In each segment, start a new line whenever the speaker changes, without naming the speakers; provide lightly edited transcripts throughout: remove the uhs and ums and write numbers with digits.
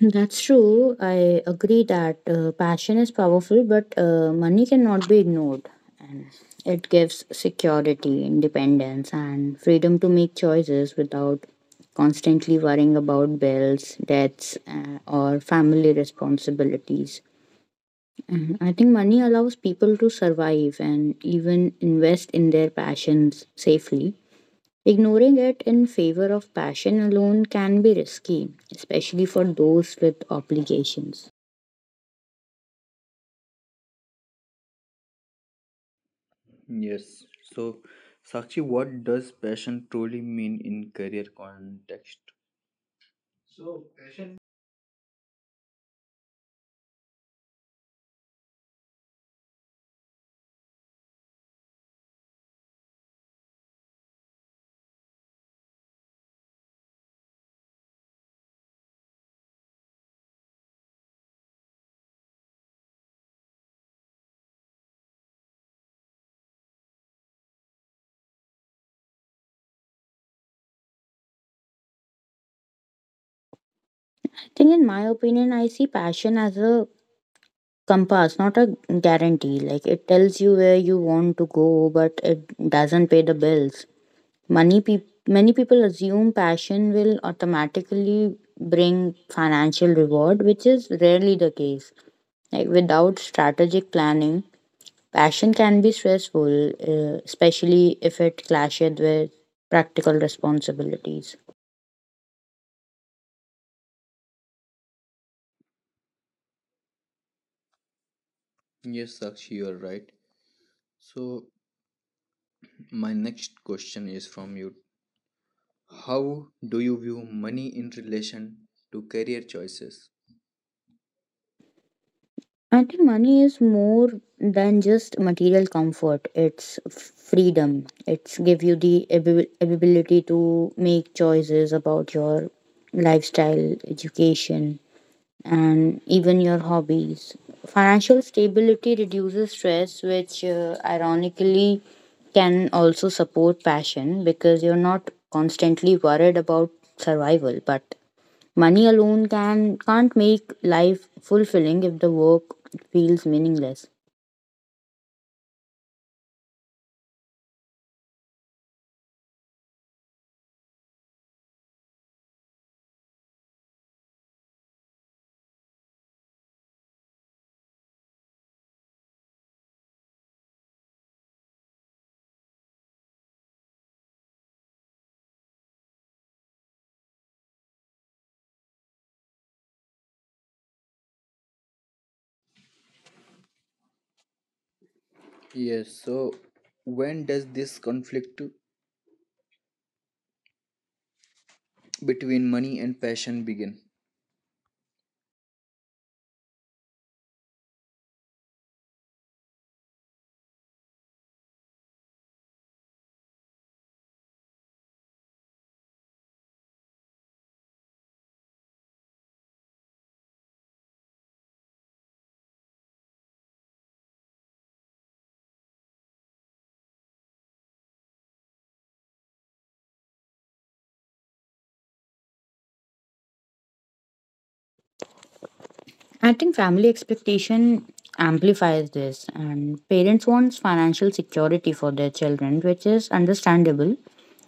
That's true. I agree that passion is powerful, but money cannot be ignored. And it gives security, independence, and freedom to make choices without constantly worrying about bills, debts, or family responsibilities. And I think money allows people to survive and even invest in their passions safely. Ignoring it in favor of passion alone can be risky, especially for those with obligations.
Yes. So, Sakshi, what does passion truly mean in career context?
I think, in my opinion, I see passion as a compass, not a guarantee. Like it tells you where you want to go, but it doesn't pay the bills. Money peop Many people assume passion will automatically bring financial reward, which is rarely the case. Like without strategic planning, passion can be stressful, especially if it clashes with practical responsibilities.
Yes, Sakshi, you are right. So, my next question is from you. How do you view money in relation to career choices?
I think money is more than just material comfort. It's freedom. It's give you the ability to make choices about your lifestyle, education, and even your hobbies. Financial stability reduces stress, which ironically can also support passion because you're not constantly worried about survival. But money alone can't make life fulfilling if the work feels meaningless.
Yes, so when does this conflict between money and passion begin?
I think family expectation amplifies this, and parents want financial security for their children, which is understandable,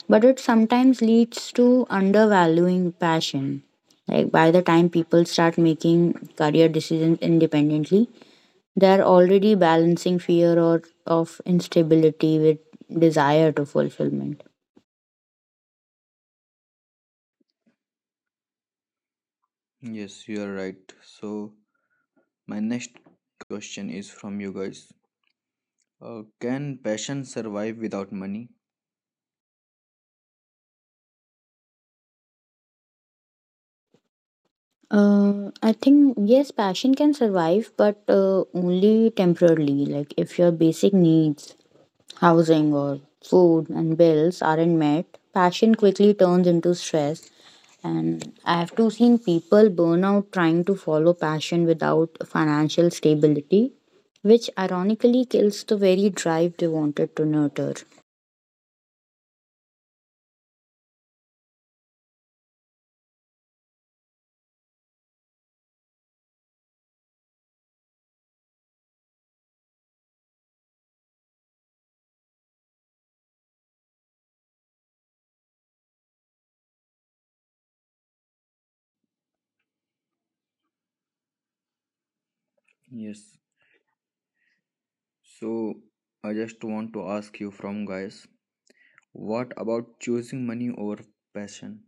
but it sometimes leads to undervaluing passion. Like by the time people start making career decisions independently, they're already balancing fear or of instability with desire to fulfillment.
Yes, you are right. So, my next question is from you guys. Can passion survive without money?
I think yes, passion can survive, but only temporarily. Like if your basic needs, housing or food and bills, aren't met, passion quickly turns into stress. And I have too seen people burn out trying to follow passion without financial stability, which ironically kills the very drive they wanted to nurture.
Yes. So, I just want to ask you from guys, what about choosing money over passion?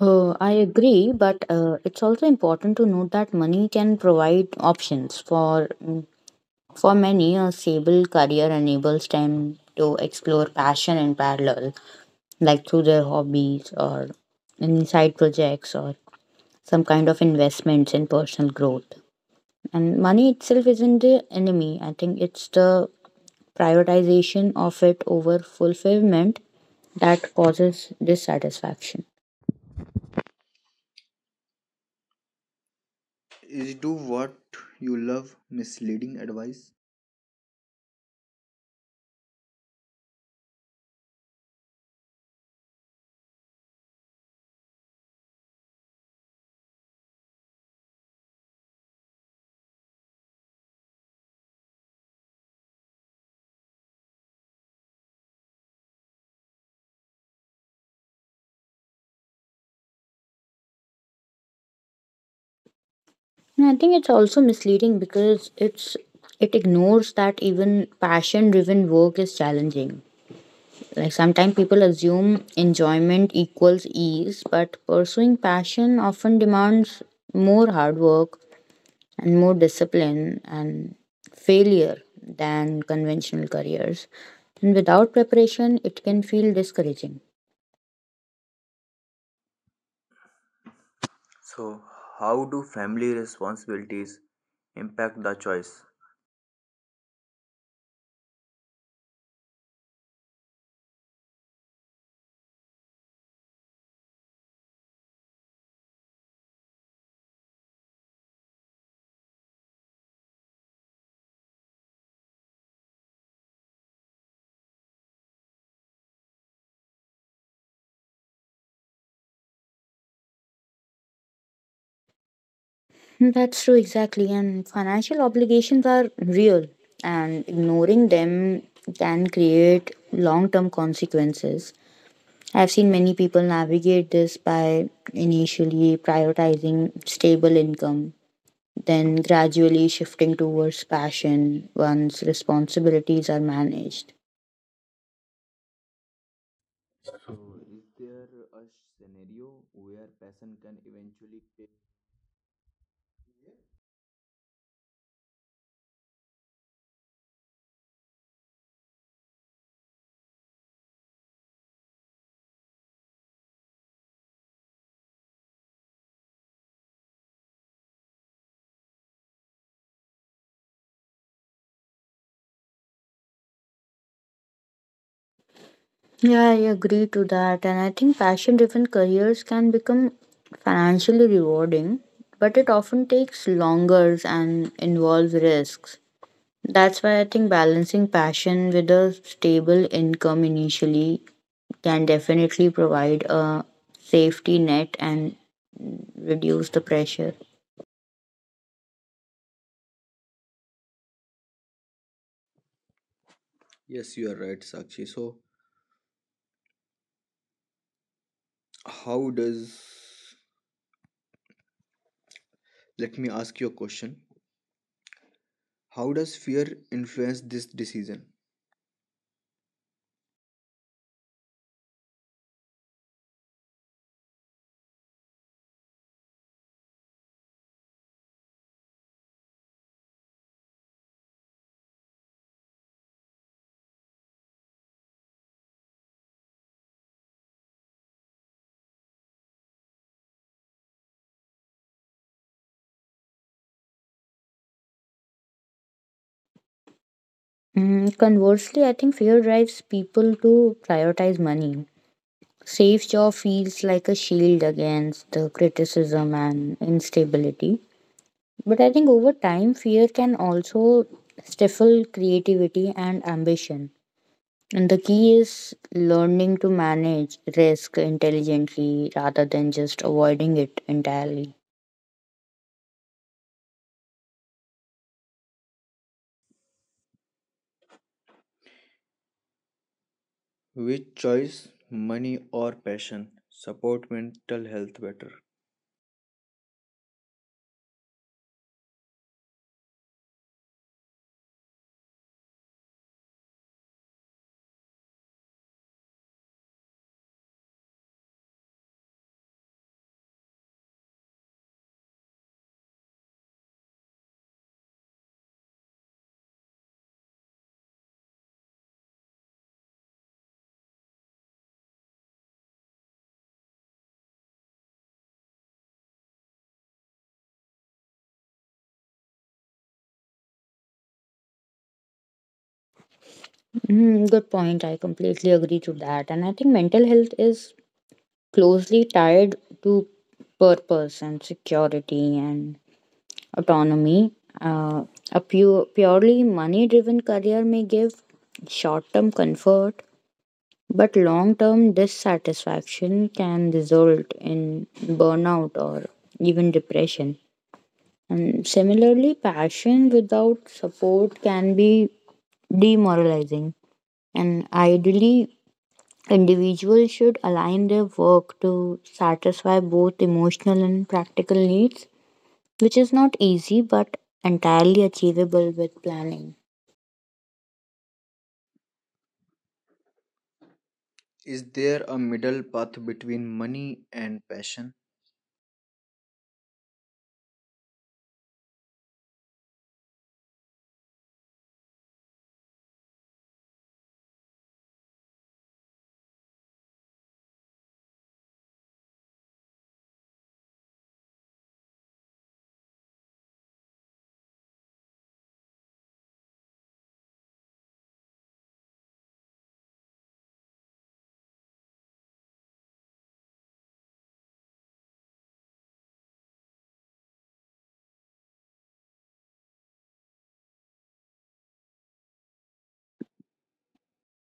I agree, but it's also important to note that money can provide options for for many. A stable career enables them to explore passion in parallel, like through their hobbies or any side projects or some kind of investments in personal growth. And money itself isn't the enemy. I think it's the prioritization of it over fulfillment that causes dissatisfaction.
Is do what you love misleading advice?
And I think it's also misleading because it ignores that even passion driven work is challenging. Like sometimes people assume enjoyment equals ease, but pursuing passion often demands more hard work and more discipline and failure than conventional careers. And without preparation, it can feel discouraging.
So, how do family responsibilities impact the choice?
That's true, exactly. And financial obligations are real, and ignoring them can create long term consequences. I've seen many people navigate this by initially prioritizing stable income, then gradually shifting towards passion once responsibilities are managed.
So, is there a scenario where passion can eventually fail?
Yeah, I agree to that. And I think passion driven careers can become financially rewarding, but it often takes longer and involves risks. That's why I think balancing passion with a stable income initially can definitely provide a safety net and reduce the pressure.
Yes, you are right, Sakshi. So, how does let me ask you a question. How does fear influence this decision?
Mm, conversely, I think fear drives people to prioritize money. Safe Jaw Feels like a shield against the criticism and instability. But I think over time, fear can also stifle creativity and ambition. And the key is learning to manage risk intelligently rather than just avoiding it entirely.
Which choice, money or passion, support mental health better?
Mm, good point. I completely agree to that. And I think mental health is closely tied to purpose and security and autonomy. Uh, a purely money driven career may give short term comfort, but long term dissatisfaction can result in burnout or even depression. And similarly, passion without support can be demoralizing. And ideally, individuals should align their work to satisfy both emotional and practical needs, which is not easy but entirely achievable with planning.
Is there a middle path between money and passion?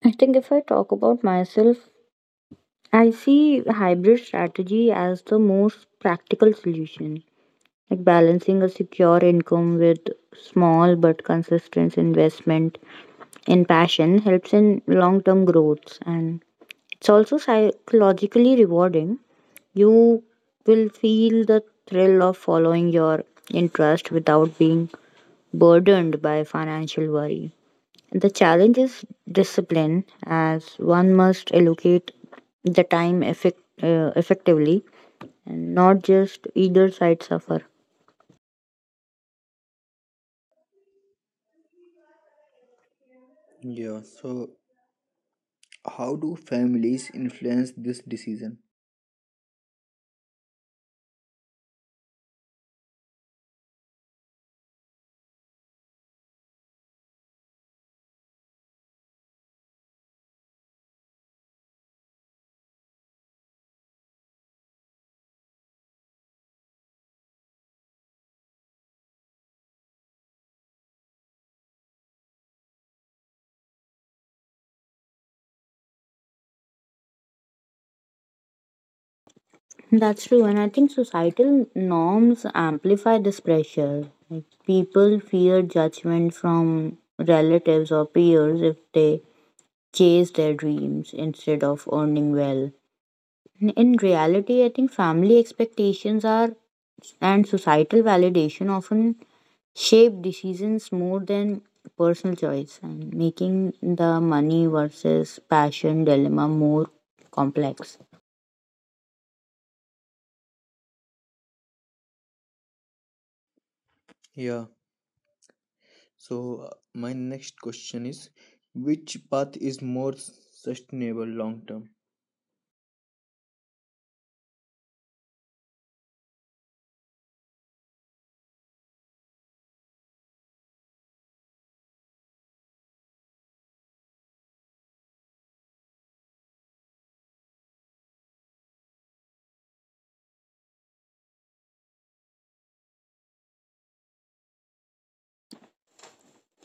I think if I talk about myself, I see hybrid strategy as the most practical solution. Like balancing a secure income with small but consistent investment in passion helps in long term growth, and it's also psychologically rewarding. You will feel the thrill of following your interest without being burdened by financial worry. The challenge is discipline, as one must allocate the time effectively and not just either side suffer.
Yeah, so how do families influence this decision?
That's true, and I think societal norms amplify this pressure. Like people fear judgment from relatives or peers if they chase their dreams instead of earning well. In reality, I think family expectations are and societal validation often shape decisions more than personal choice, and making the money versus passion dilemma more complex.
Yeah. So, my next question is, which path is more sustainable long term?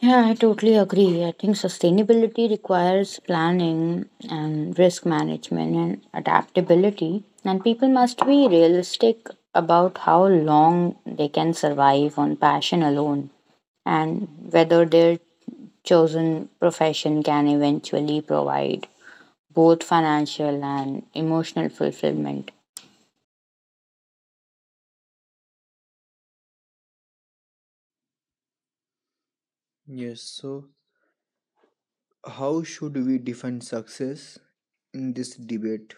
Yeah, I totally agree. I think sustainability requires planning and risk management and adaptability, and people must be realistic about how long they can survive on passion alone and whether their chosen profession can eventually provide both financial and emotional fulfillment.
Yes. So how should we define success in this debate?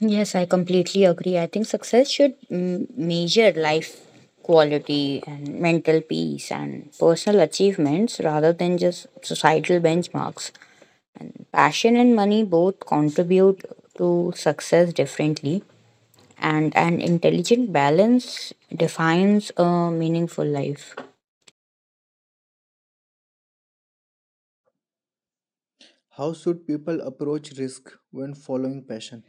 Yes, I completely agree. I think success should mm, measure life quality and mental peace and personal achievements rather than just societal benchmarks. Passion and money both contribute to success differently, and an intelligent balance defines a meaningful life.
How should people approach risk when following passion?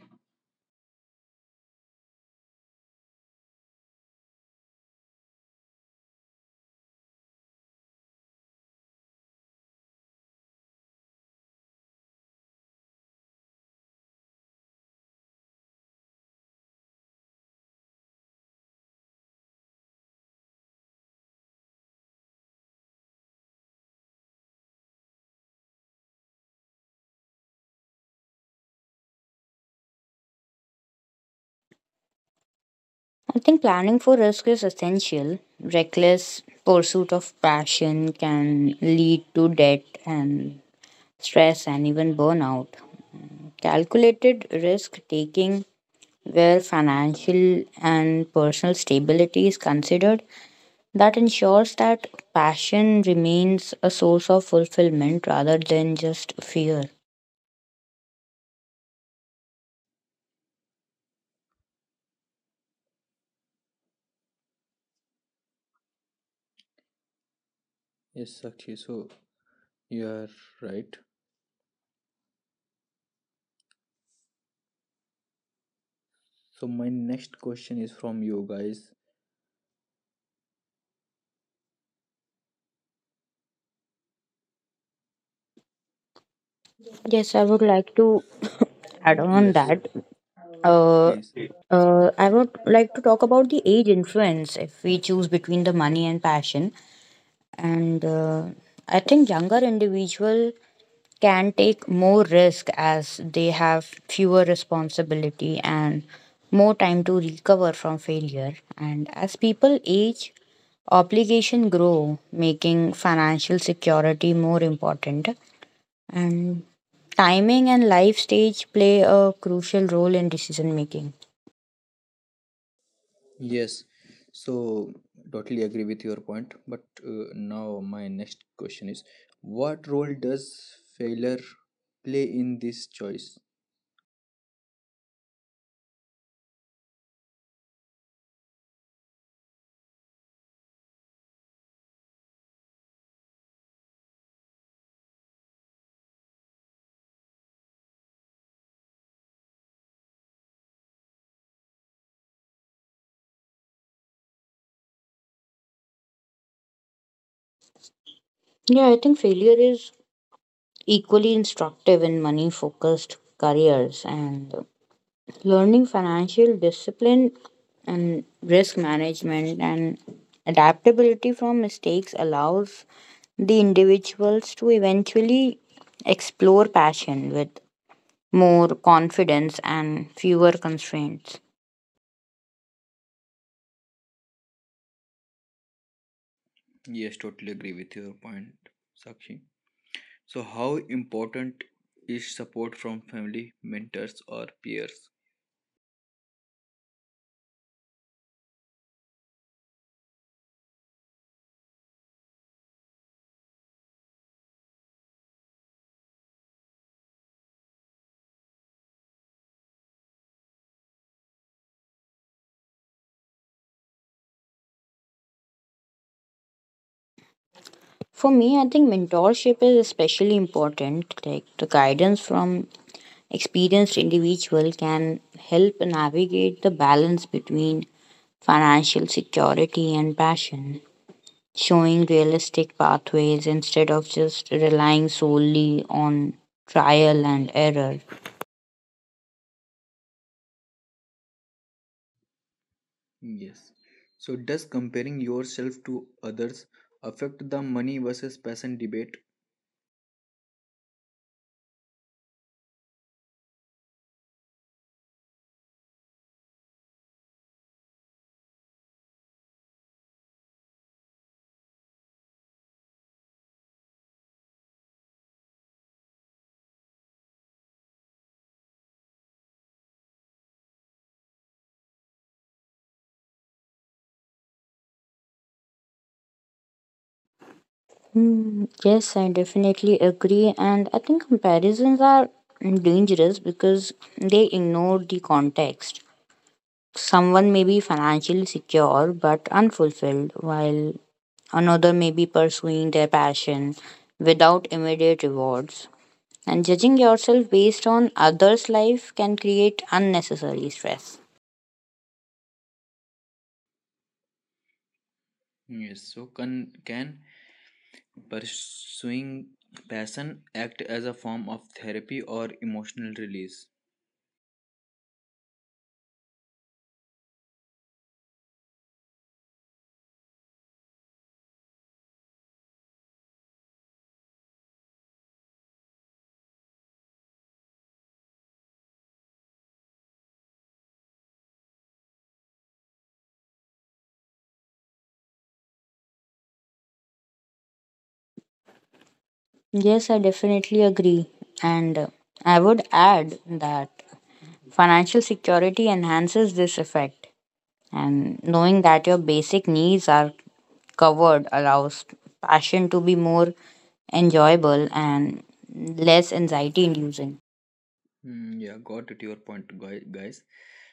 I think planning for risk is essential. Reckless pursuit of passion can lead to debt and stress and even burnout. Calculated risk taking, where financial and personal stability is considered, that ensures that passion remains a source of fulfillment rather than just fear.
Yes, Sakshi. So you are right. So my next question is from you guys.
Yes, I would like to add on
Yes,
that. Uh,
please.
I would like to talk about the age influence if we choose between the money and passion. And I think younger individual can take more risk as they have fewer responsibility and more time to recover from failure. And as people age, obligation grow, making financial security more important. And timing and life stage play a crucial role in decision making.
Yes, so totally agree with your point. But now my next question is, what role does failure play in this choice?
Yeah, I think failure is equally instructive in money focused careers, and learning financial discipline and risk management and adaptability from mistakes allows the individuals to eventually explore passion with more confidence and fewer constraints.
Yes, totally agree with your point, Sakshi. So how important is support from family, mentors, or peers?
For me, I think mentorship is especially important. Like the guidance from experienced individual can help navigate the balance between financial security and passion, showing realistic pathways instead of just relying solely on trial and error.
Yes. So does comparing yourself to others affect the money versus passion debate?
Hmm, yes, I definitely agree, and I think comparisons are dangerous because they ignore the context. Someone may be financially secure but unfulfilled, while another may be pursuing their passion without immediate rewards. And judging yourself based on others' life can create unnecessary stress.
Yes. So can pursuing passion act as a form of therapy or emotional release?
Yes, I definitely agree. And I would add that financial security enhances this effect. And knowing that your basic needs are covered allows passion to be more enjoyable and less anxiety inducing.
Hmm, yeah, got it. Your guys.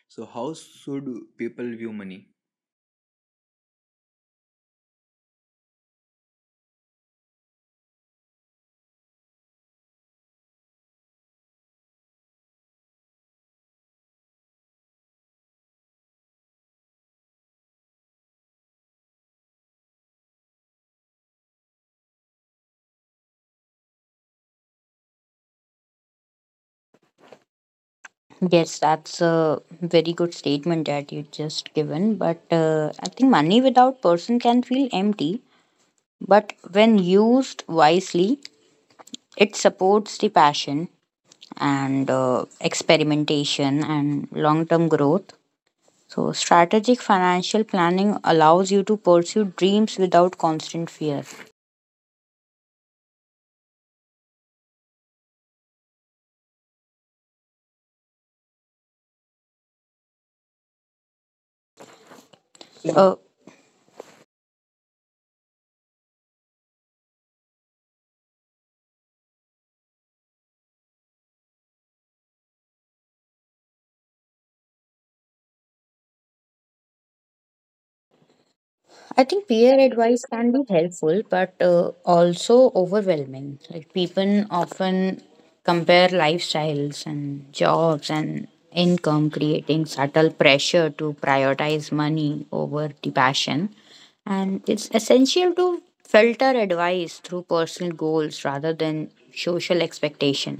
So, how should people view money?
Yes, that's a very good statement that you just given. But I think money without person can feel empty. But when used wisely, it supports the passion and experimentation and long term growth. So, strategic financial planning allows you to pursue dreams without constant fear. Uh, I think peer advice can be helpful, but also overwhelming. Like people often compare lifestyles and jobs and income, creating subtle pressure to prioritize money over the passion. And it's essential to filter advice through personal goals rather than social expectation.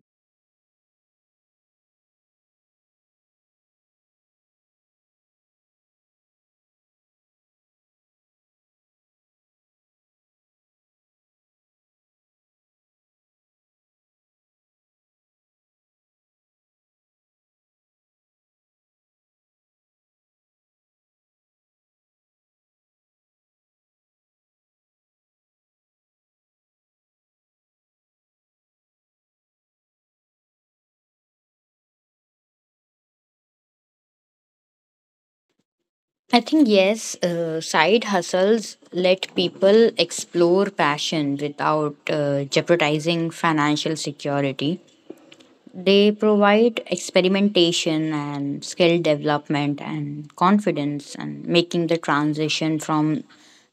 I think yes, side hustles let people explore passion without jeopardizing financial security. They provide experimentation and skill development and confidence and making the transition from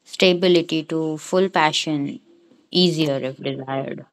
stability to full passion easier if desired.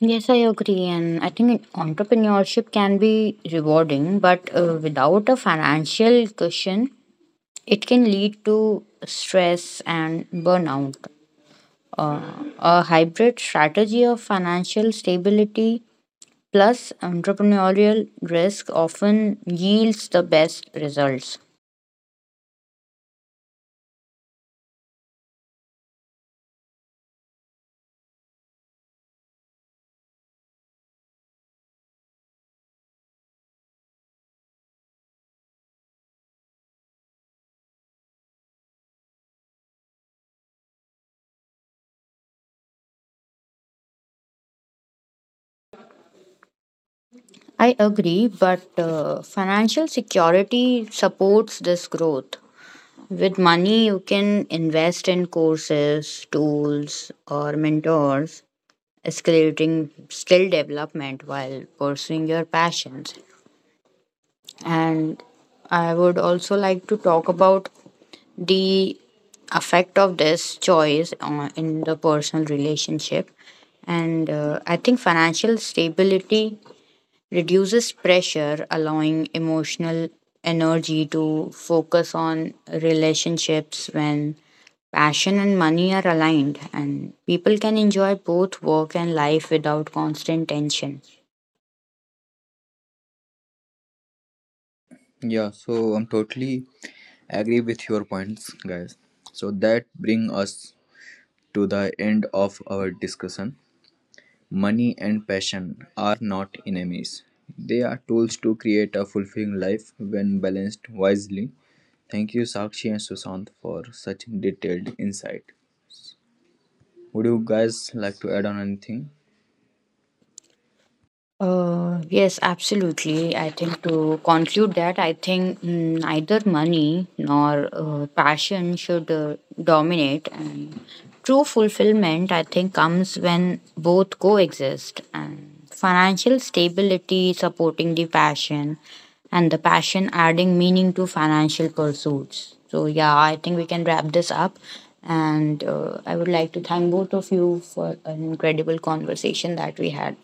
Yes, I agree. And I think entrepreneurship can be rewarding, but without a financial cushion, it can lead to stress and burnout. A hybrid strategy of financial stability plus entrepreneurial risk often yields the best results. I agree, but financial security supports this growth. With money, you can invest in courses, tools, or mentors, escalating skill development while pursuing your passions. And I would also like to talk about the effect of this choice on, in the personal relationship, and I think financial stability reduces pressure, allowing emotional energy to focus on relationships when passion and money are aligned, and people can enjoy both work and life without constant tension.
Yeah, so I'm totally agree with your points, guys. So that bring us to the end of our discussion. Money and passion are not enemies. They are tools to create a fulfilling life when balanced wisely. Thank you, Sakshi and Sushant, for such detailed insight. Would you guys like to add on anything?
Yes, absolutely. I think to conclude that, I think mm, neither money nor passion should dominate. And true fulfillment, I think, comes when both coexist. And financial stability supporting the passion, and the passion adding meaning to financial pursuits. So, yeah, I think we can wrap this up. And I would like to thank both of you for an incredible conversation that we had.